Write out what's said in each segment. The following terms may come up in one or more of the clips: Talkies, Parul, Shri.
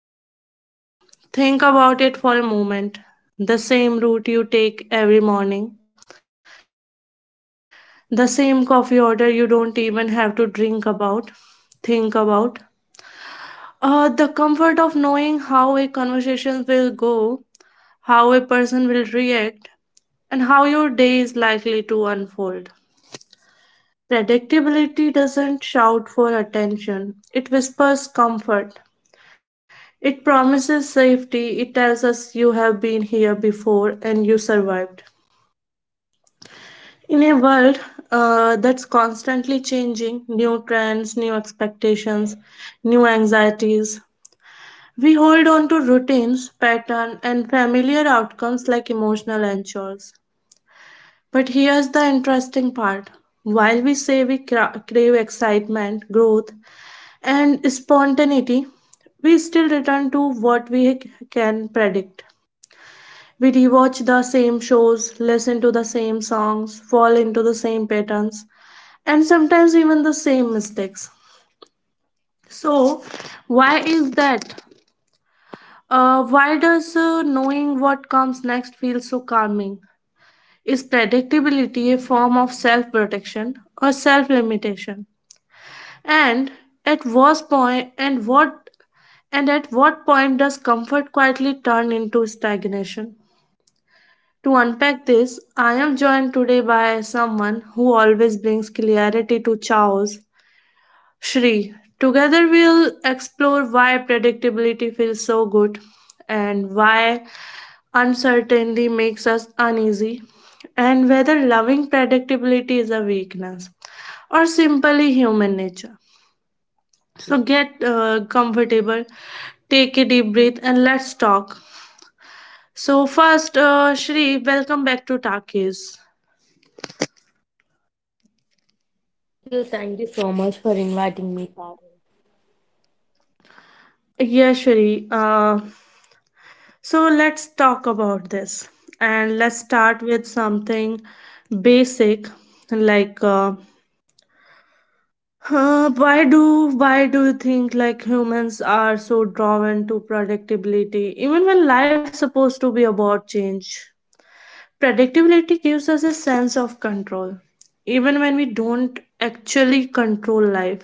predictability. Think about it for a moment. The same route you take every morning, the same coffee order you don't even have to drink about think about the comfort of knowing how a conversation will go, how a person will react, and how your day is likely to unfold. Predictability doesn't shout for attention, it whispers comfort, it promises safety, it tells us you have been here before and you survived. In a world that's constantly changing, new trends, new expectations, new anxieties, we hold on to routines, pattern, and familiar outcomes like emotional anchors. But here's the interesting part. While we say we crave excitement, growth, and spontaneity, we still return to what we can predict. We rewatch the same shows, listen to the same songs, fall into the same patterns, and sometimes even the same mistakes. So, why is that? Why does knowing what comes next feel so calming? Is predictability a form of self protection or self limitation? And at what point and what at what point does comfort quietly turn into stagnation? To unpack this, I am joined today by someone who always brings clarity to chaos, Shri. Together we'll explore why predictability feels so good, and why uncertainty makes us uneasy, and whether loving predictability is a weakness or simply human nature. So get comfortable, take a deep breath, and let's talk. So, first, Shri, welcome back to Takis. Thank you so much for inviting me, Parul. Yeah, Shri. So let's talk about this, and let's start with something basic, like why do you think like humans are so drawn to predictability even when life's supposed to be about change? Predictability gives us a sense of control even when we don't actually control life.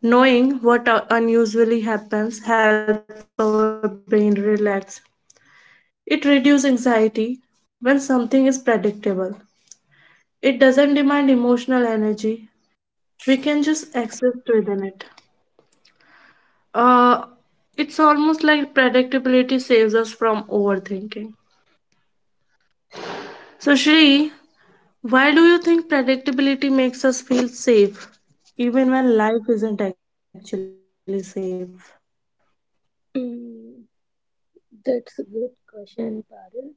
Knowing what unusually happens help our brain relax. It reduces anxiety when something is predictable. It doesn't demand emotional energy. We can just access within it. Uh, it's almost like predictability saves us from overthinking. So, Shri, why do you think predictability makes us feel safe even when life isn't actually safe? Mm, that's a good question, Parul.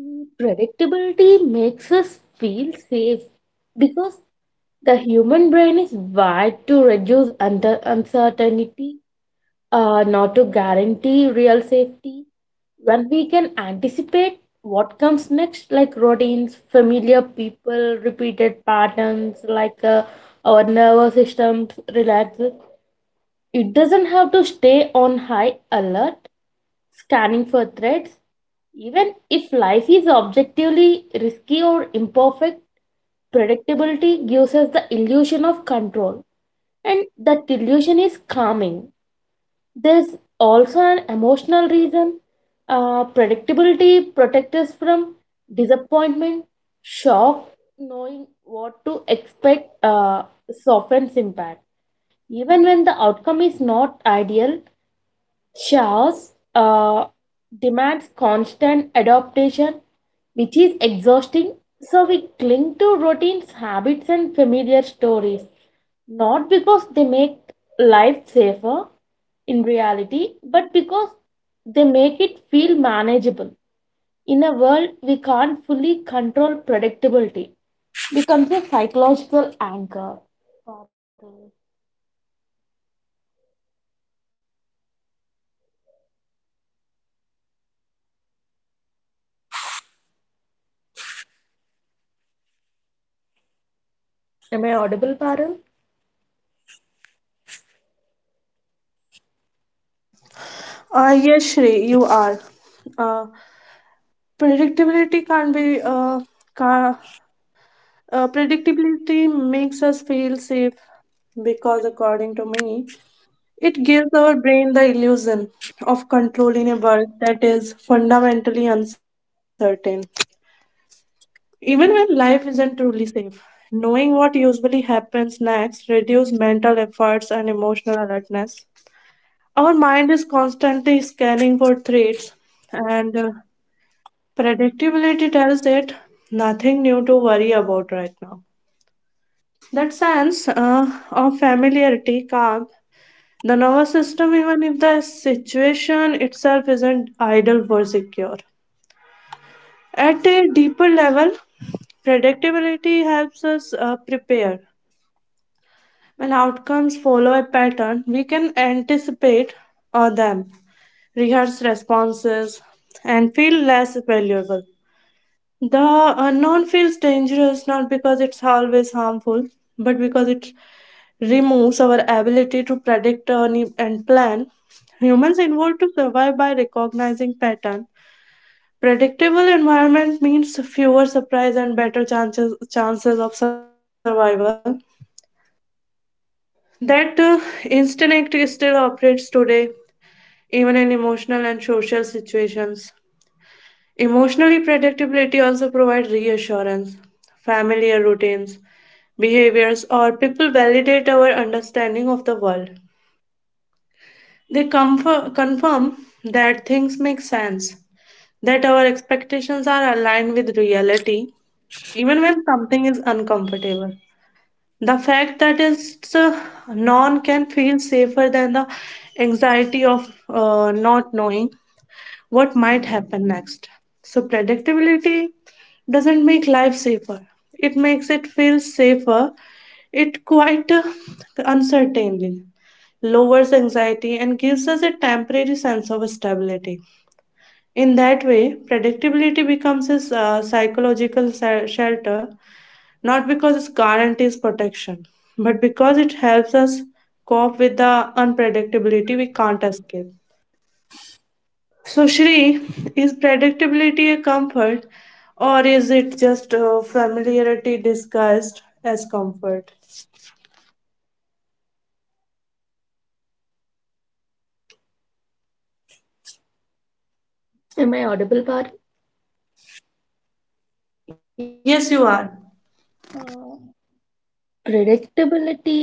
Mm, predictability makes us feel safe because the human brain is wired to reduce uncertainty, not to guarantee real safety. When we can anticipate what comes next, like routines, familiar people, repeated patterns, our nervous systems relaxes. It doesn't have to stay on high alert, scanning for threats. Even if life is objectively risky or imperfect, predictability gives us the illusion of control, and that illusion is calming. There's also an emotional reason. Predictability protects us from disappointment, shock, knowing what to expect softens impact. Even when the outcome is not ideal, chaos demands constant adaptation, which is exhausting. So we cling to routines, habits, and familiar stories, not because they make life safer in reality, but because they make it feel manageable. In a world we can't fully control, predictability becomes a psychological anchor. Parul. Am I audible, Parul? Yes, Shri, you are. Uh, predictability can't be ca- Predictability makes us feel safe because, according to me, it gives our brain the illusion of control in a world that is fundamentally uncertain. Even when life isn't truly safe, knowing what usually happens next reduces mental efforts and emotional alertness. Our mind is constantly scanning for threats, and predictability tells it nothing new to worry about right now. That sense of familiarity, calm, the nervous system, even if the situation itself isn't idle or secure. At a deeper level, predictability helps us prepare. When outcomes follow a pattern, we can anticipate them, rehearse responses, and feel less valuable. The unknown feels dangerous not because it's always harmful, but because it removes our ability to predict and plan. Humans evolved to survive by recognizing pattern. Predictable environment means fewer surprise and better chances of survival. That instinct still operates today, even in emotional and social situations. Emotionally, predictability also provides reassurance. Familiar routines, behaviors, or people validate our understanding of the world. They confirm that things make sense, that our expectations are aligned with reality, even when something is uncomfortable. The fact that it's known can feel safer than the anxiety of not knowing what might happen next. So, predictability doesn't make life safer, it makes it feel safer. It quite uncertainly lowers anxiety, and gives us a temporary sense of stability. In that way, predictability becomes a psychological shelter, not because it guarantees protection, but because it helps us cope with the unpredictability we can't escape. So, Shri, is predictability a comfort, or is it just familiarity disguised as comfort? Am I audible, Par? Yes, you are. Uh, Predictability,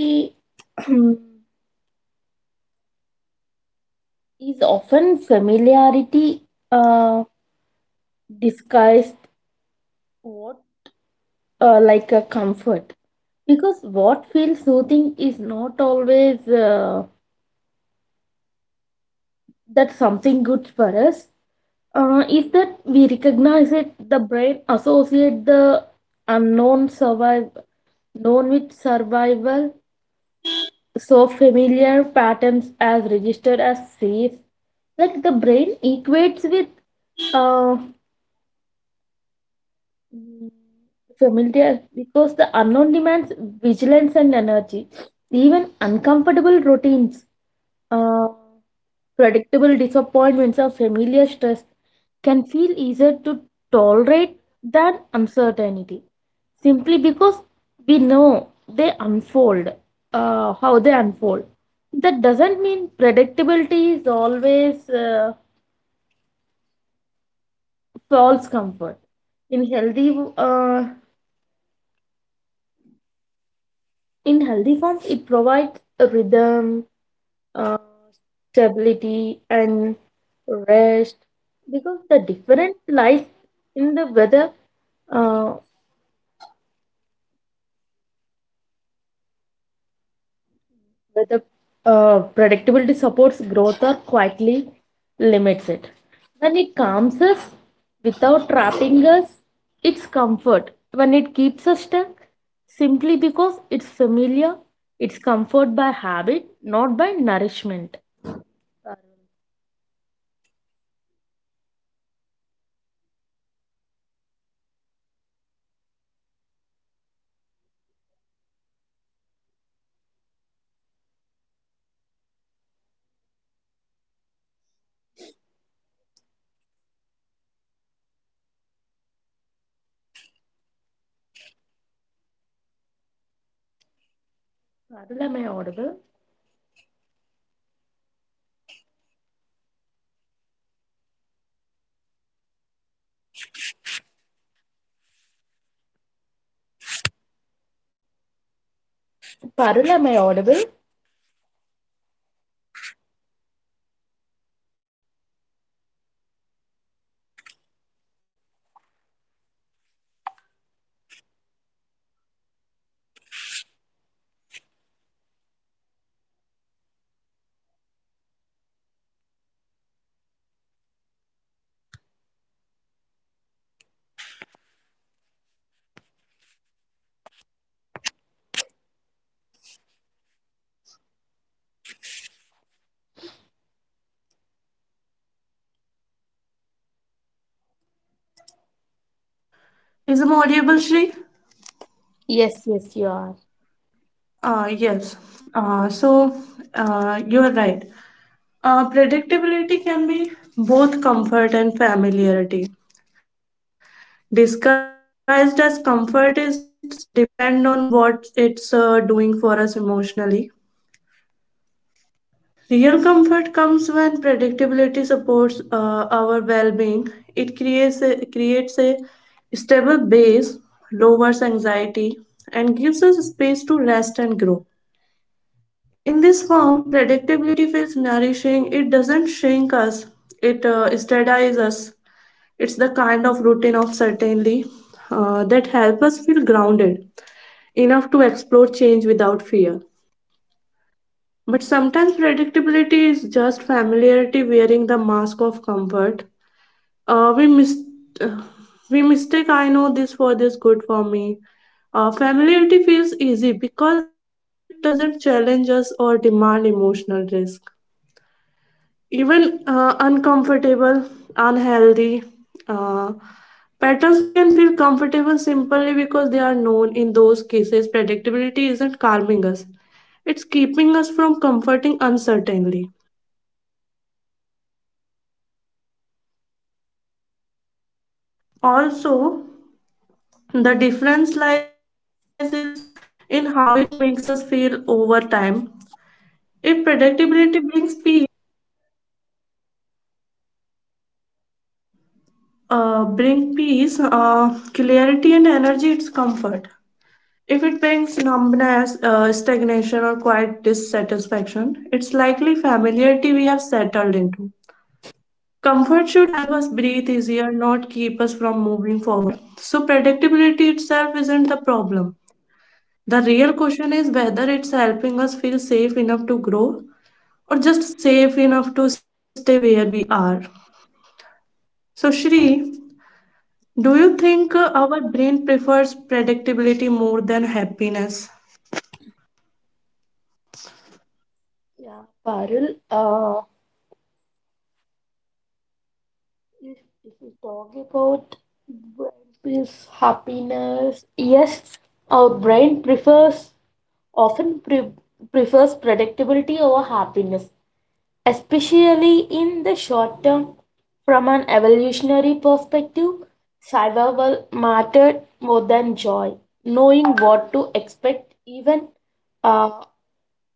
hmm, is often familiarity, uh, disguised, what like a comfort, because what feels soothing is not always that something good for us, is that we recognize it. The brain associate the unknown survive known with survival, so familiar patterns as registered as safe, like the brain equates with uh, mm, familiar because the unknown demands vigilance and energy. Even uncomfortable routines, uh, predictable disappointments or familiar stress can feel easier to tolerate than uncertainty, simply because we know they unfold how they unfold. That doesn't mean predictability is always false comfort. In healthy uh, in healthy forms, it provides a rhythm, uh, stability and rest, because the difference lies in the whether uh, whether predictability supports growth or quietly limits it. When it calms us without trapping us, it's comfort. When it keeps us stuck, simply because it's familiar, it's comfort by habit, not by nourishment. Par- Parul, am I audible? Parul, am I audible? Is I'm audible, Shri? Yes, yes, you are. Uh, yes. Uh, so you are right. Predictability can be both comfort and familiarity. Disguised as comfort is depend on what it's doing for us emotionally. Real comfort comes when predictability supports our well-being. It creates a stable base, lowers anxiety, and gives us space to rest and grow. In this form, predictability feels nourishing. It doesn't shrink us, it steadies us. It's the kind of routine of certainly that helps us feel grounded enough to explore change without fear. But sometimes predictability is just familiarity wearing the mask of comfort. Uh, we, mis- uh, we mistake I know this for this good for me. Familiarity feels easy because it doesn't challenge us or demand emotional risk, even uncomfortable, unhealthy. Uh, Patterns can feel comfortable simply because they are known. In those cases, predictability isn't calming us, it's keeping us from comforting uncertainly. Also, the difference lies is in how it makes us feel over time. If predictability brings peace, clarity, and energy, it's comfort. If it brings numbness, stagnation, or quiet dissatisfaction, it's likely familiarity we have settled into. Comfort should help us breathe easier, not keep us from moving forward. So, predictability itself isn't the problem. The real question is whether it's helping us feel safe enough to grow, or just safe enough to stay where we are. So, Shri, do you think our brain prefers predictability more than happiness? Yeah, Parul. If, if we talk about brain's happiness, yes, our brain often pre- prefers predictability over happiness, especially in the short term. From an evolutionary perspective, survival mattered more than joy. Knowing what to expect, even uh,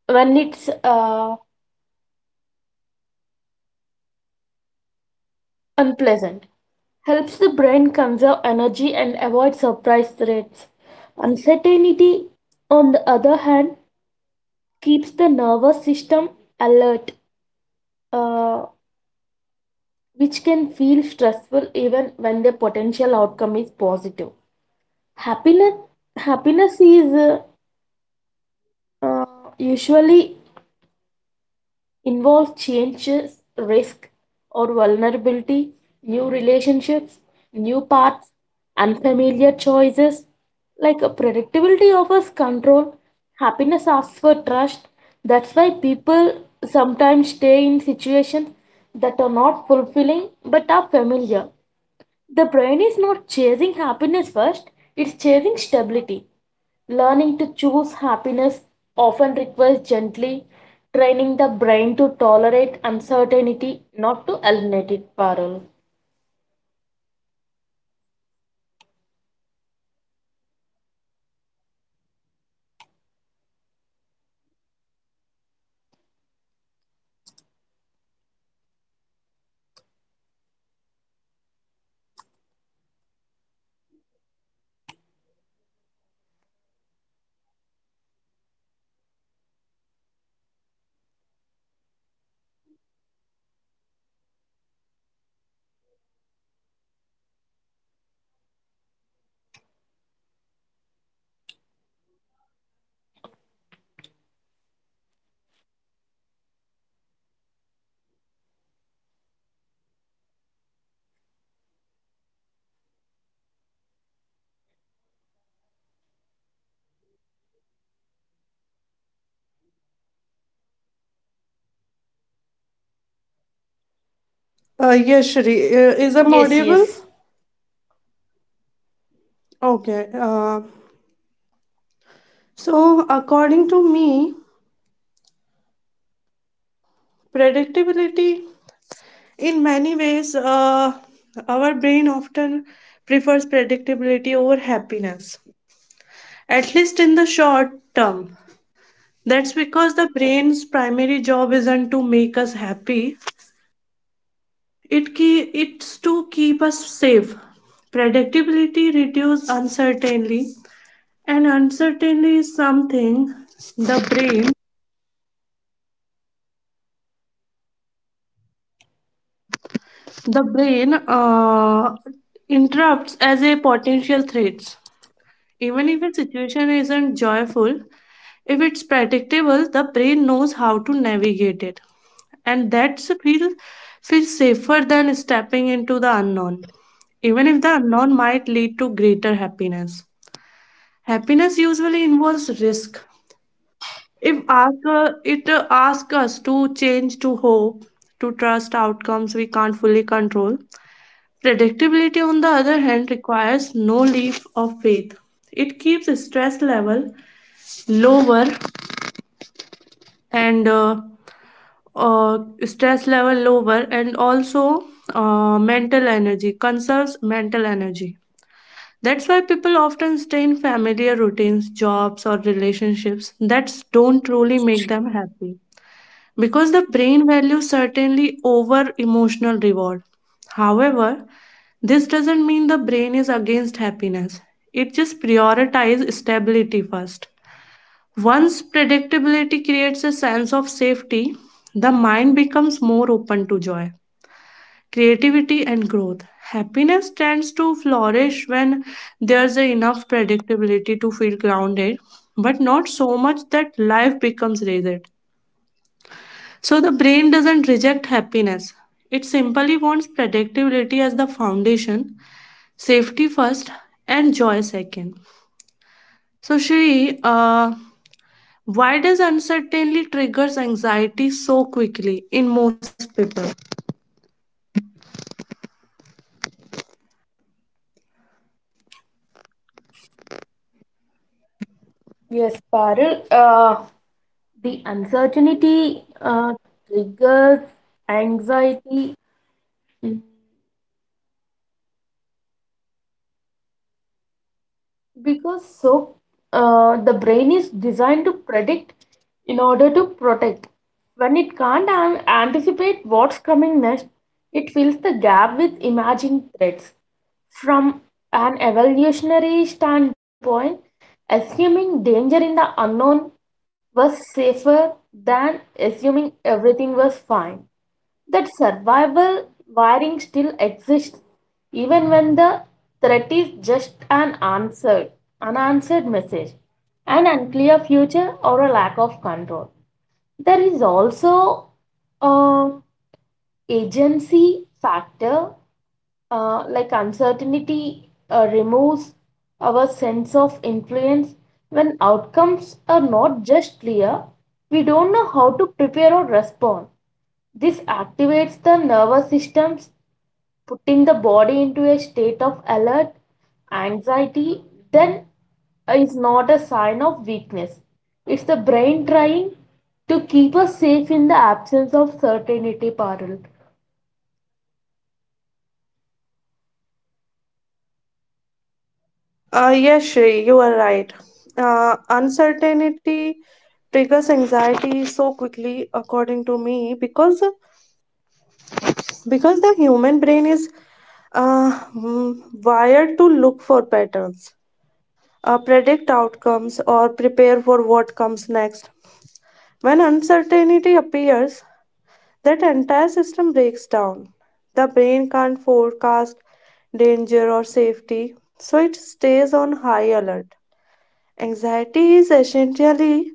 when it's unpleasant, helps the brain conserve energy and avoid surprise threats. Uncertainty, on the other hand, keeps the nervous system alert, uh, which can feel stressful even when the potential outcome is positive. Happiness, happiness is uh, usually involve changes, risk or vulnerability, new relationships, new paths, unfamiliar choices. Like a predictability offers control, happiness asks for trust. That's why people sometimes stay in situations that are not fulfilling but are familiar. The brain is not chasing happiness first, it's chasing stability. Learning to choose happiness often requires gently training the brain to tolerate uncertainty, not to eliminate it, Parul. Yes, Shri. Is I'm Yes, audible? yes. Okay. So, according to me, predictability in many ways, our brain often prefers predictability over happiness, at least in the short term. That's because the brain's primary job isn't to make us happy, it it's to keep us safe. Predictability reduces uncertainty, and uncertainty is something the brain the brain interrupts as a potential threat. Even if a situation isn't joyful, if it's predictable, the brain knows how to navigate it. And that's feel feels safer than stepping into the unknown, even if the unknown might lead to greater happiness. Happiness usually involves risk. If ask, it asks us to change, to hope, to trust outcomes we can't fully control. Predictability, on the other hand, requires no leap of faith. It keeps the lower and uh, uh, stress level lower and also conserves mental energy. That's why people often stay in familiar routines, jobs, or relationships that don't truly make them happy, because the brain values certainly over emotional reward. However, this doesn't mean the brain is against happiness. It just prioritizes stability first. Once predictability creates a sense of safety, the mind becomes more open to joy, creativity, and growth. Happiness tends to flourish when there's enough predictability to feel grounded, but not so much that life becomes rigid. So the brain doesn't reject happiness. It simply wants predictability as the foundation, safety first, and joy second. So Shri, why does uncertainty triggers anxiety so quickly in most people? Yes, Parul. The uncertainty triggers anxiety, because the brain is designed to predict in order to protect. When it can't anticipate what's coming next, it fills the gap with emerging threats. From an evolutionary standpoint, assuming danger in the unknown was safer than assuming everything was fine. That survival wiring still exists, even when the threat is just an unanswered message, an unclear future, or a lack of control. There is also a agency factor, like uncertainty removes our sense of influence. When outcomes are not just clear, we don't know how to prepare or respond. This activates the nervous systems, putting the body into a state of alert anxiety. Then is not a sign of weakness. It's the brain trying to keep us safe in the absence of certainty, Parul. Yes, Shri, you are right. Uncertainty triggers anxiety so quickly, according to me, because the human brain is uh, mm, wired to look for patterns, predict outcomes, or prepare for what comes next. When uncertainty appears, that entire system breaks down. The brain can't forecast danger or safety, so it stays on high alert. Anxiety is essentially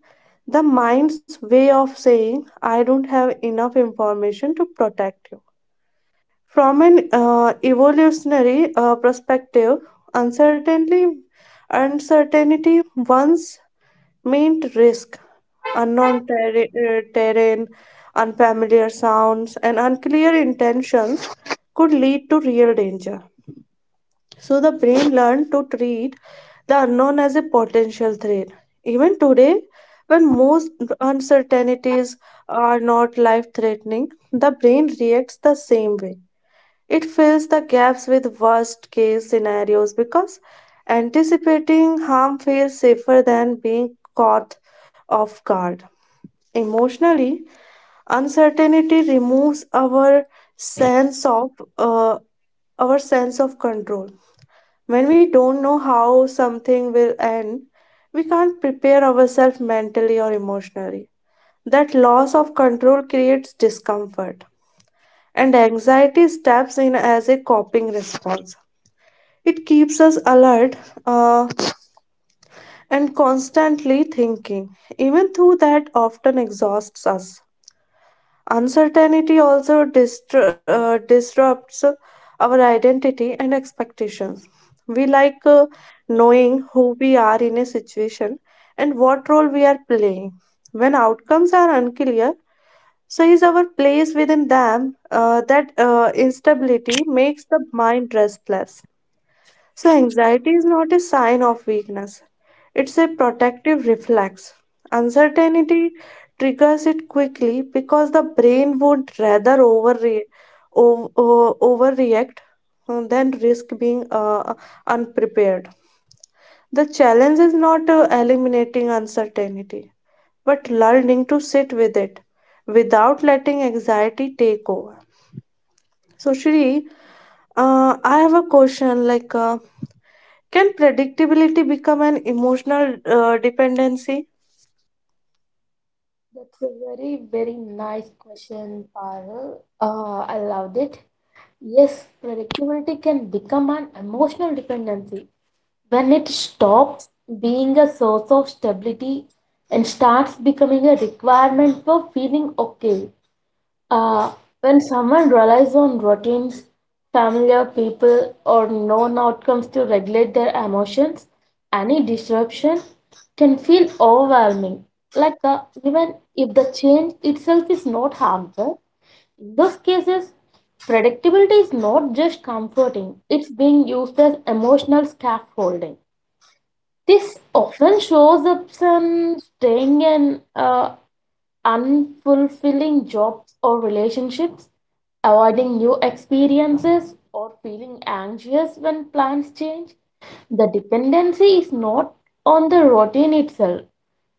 the mind's way of saying, I don't have enough information to protect you. From an evolutionary perspective, uncertainty, uncertainty once meant risk. Unknown terrain, unfamiliar sounds, and unclear intentions could lead to real danger. So the brain learned to treat the unknown as a potential threat. Even today, when most uncertainties are not life threatening, the brain reacts the same way. It fills the gaps with worst case scenarios, because anticipating harm feels safer than being caught off guard. Emotionally, uncertainty removes sense of uh, our sense of control. When we don't know how something will end, we can't prepare ourselves mentally or emotionally. That loss of control creates discomfort, and anxiety steps in as a coping response. It keeps us alert uh, and constantly thinking, even though that often exhausts us. Uncertainty also disrupts our identity and expectations. We like knowing who we are in a situation and what role we are playing. When outcomes are unclear, so is our place within them, that instability makes the mind restless. So anxiety is not a sign of weakness; it's a protective reflex. Uncertainty triggers it quickly because the brain would rather overreact than risk being unprepared. The challenge is not eliminating uncertainty, but learning to sit with it without letting anxiety take over. So, Shri, I have a question like, can predictability become an emotional dependency? That's a very, very nice question, Parul. I loved it. Yes, predictability can become an emotional dependency when it stops being a source of stability and starts becoming a requirement for feeling okay. Uh, when someone relies on routines, familiar people, or known outcomes to regulate their emotions, any disruption can feel overwhelming. Even if the change itself is not harmful, in those cases, predictability is not just comforting, it's being used as emotional scaffolding. This often shows up some staying in unfulfilling jobs or relationships, avoiding new experiences, or feeling anxious when plans change. The dependency is not on the routine itself,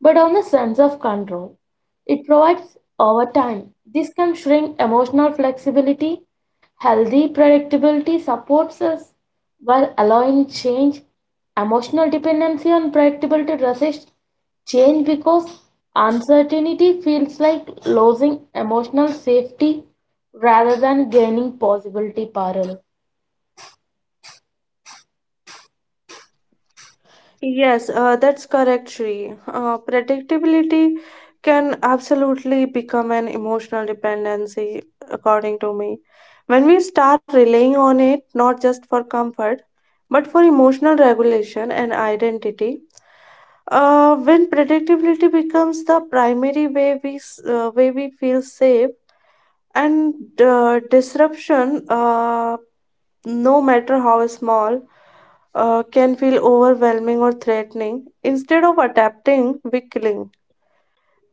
but on the sense of control it provides. Over time, this can shrink emotional flexibility. Healthy predictability supports us while allowing change. Emotional dependency on predictability resists change because uncertainty feels like losing emotional safety rather than gaining possibility, parallel. Yes, that's correct, Shri. Predictability can absolutely become an emotional dependency, according to me. When we start relying on it, not just for comfort, but for emotional regulation and identity. When predictability becomes the primary way we way we feel safe, and disruption, no matter how small, can feel overwhelming or threatening. Instead of adapting, we cling.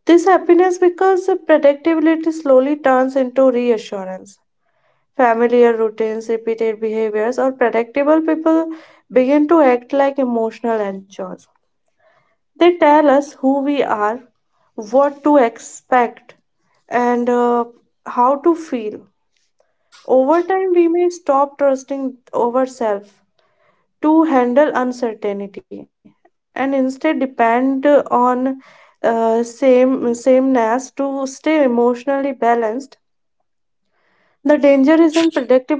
This happiness because the predictability slowly turns into reassurance. Familiar routines, repeated behaviors, or predictable people begin to act like emotional anchors. They tell us who we are, what to expect, and how to feel. Over time, we may stop trusting ourselves to handle uncertainty and instead depend on sameness to stay emotionally balanced. The danger is in predictability itself.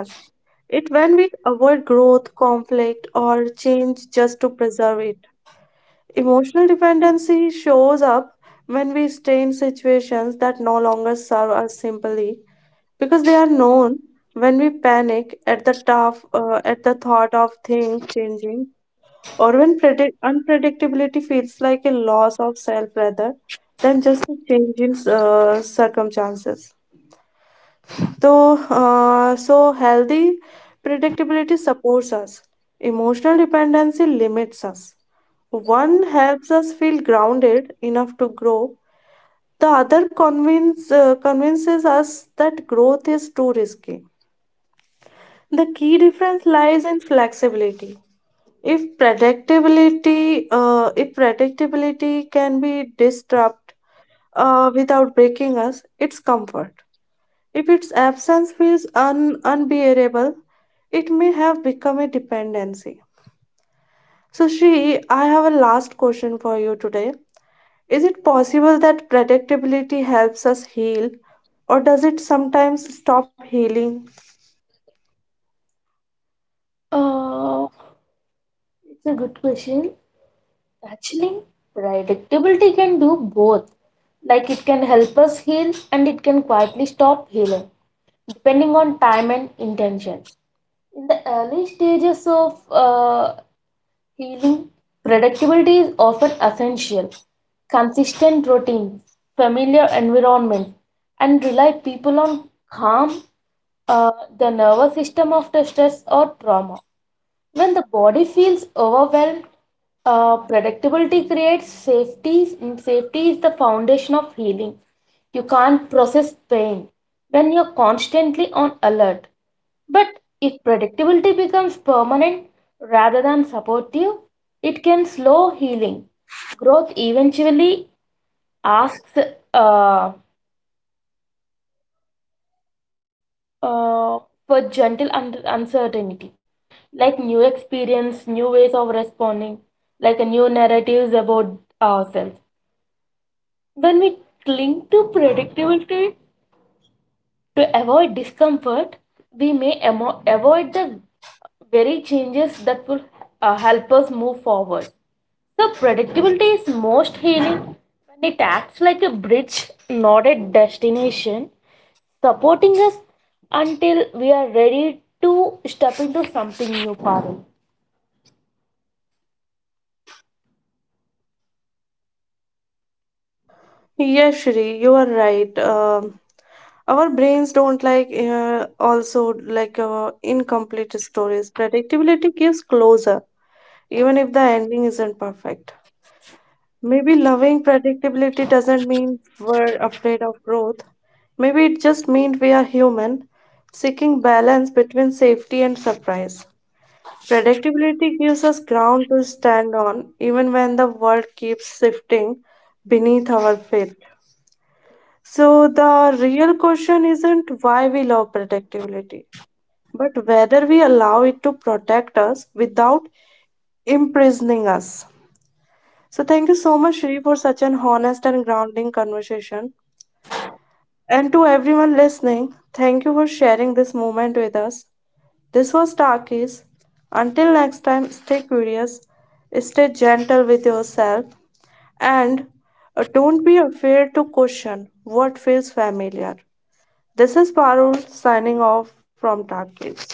It when we avoid growth, conflict, or change just to preserve it. Emotional dependency shows up when we stay in situations that no longer serve us simply because they are known. When we panic at the thought of things changing, or when unpredictability feels like a loss of self rather than just a change in circumstances. So, healthy predictability supports us. Emotional dependency limits us. One helps us feel grounded enough to grow. The other convinces us that growth is too risky. The key difference lies in flexibility. If predictability can be disrupt without breaking us, it's comfort. If its absence feels unbearable, it may have become a dependency. So, Shri, I have a last question for you today. Is it possible that predictability helps us heal, or does it sometimes stop healing? Uh, it's a good question. Actually, predictability can do both. Like, it can help us heal and it can quietly stop healing, depending on time and intention. In the early stages of healing, predictability is often essential. Consistent routines, familiar environments, and rely people on calm uh, the nervous system after stress or trauma. When the body feels overwhelmed, predictability creates safety, and safety is the foundation of healing. You can't process pain when you're constantly on alert. But if predictability becomes permanent rather than supportive, it can slow healing. Growth eventually asks uh, uh, for gentle uncertainty, like new experience, new ways of responding, like a new narratives about ourselves. When we cling to predictability to avoid discomfort, we may avoid the very changes that will help us move forward. So, predictability is most healing when it acts like a bridge, not a destination, supporting us until we are ready to step into something new, Parul. Yes, Shri, you are right. Our brains don't like also like incomplete stories. Predictability gives closure, even if the ending isn't perfect. Maybe loving predictability doesn't mean we're afraid of growth. Maybe it just means we are human, seeking balance between safety and surprise. Predictability gives us ground to stand on even when the world keeps shifting beneath our feet. So, the real question isn't why we love predictability, but whether we allow it to protect us without imprisoning us. So, thank you so much, Shri, for such an honest and grounding conversation. And to everyone listening, thank you for sharing this moment with us. This was Takis. Until next time, stay curious, stay gentle with yourself, and don't be afraid to question what feels familiar. This is Parul signing off from Takis.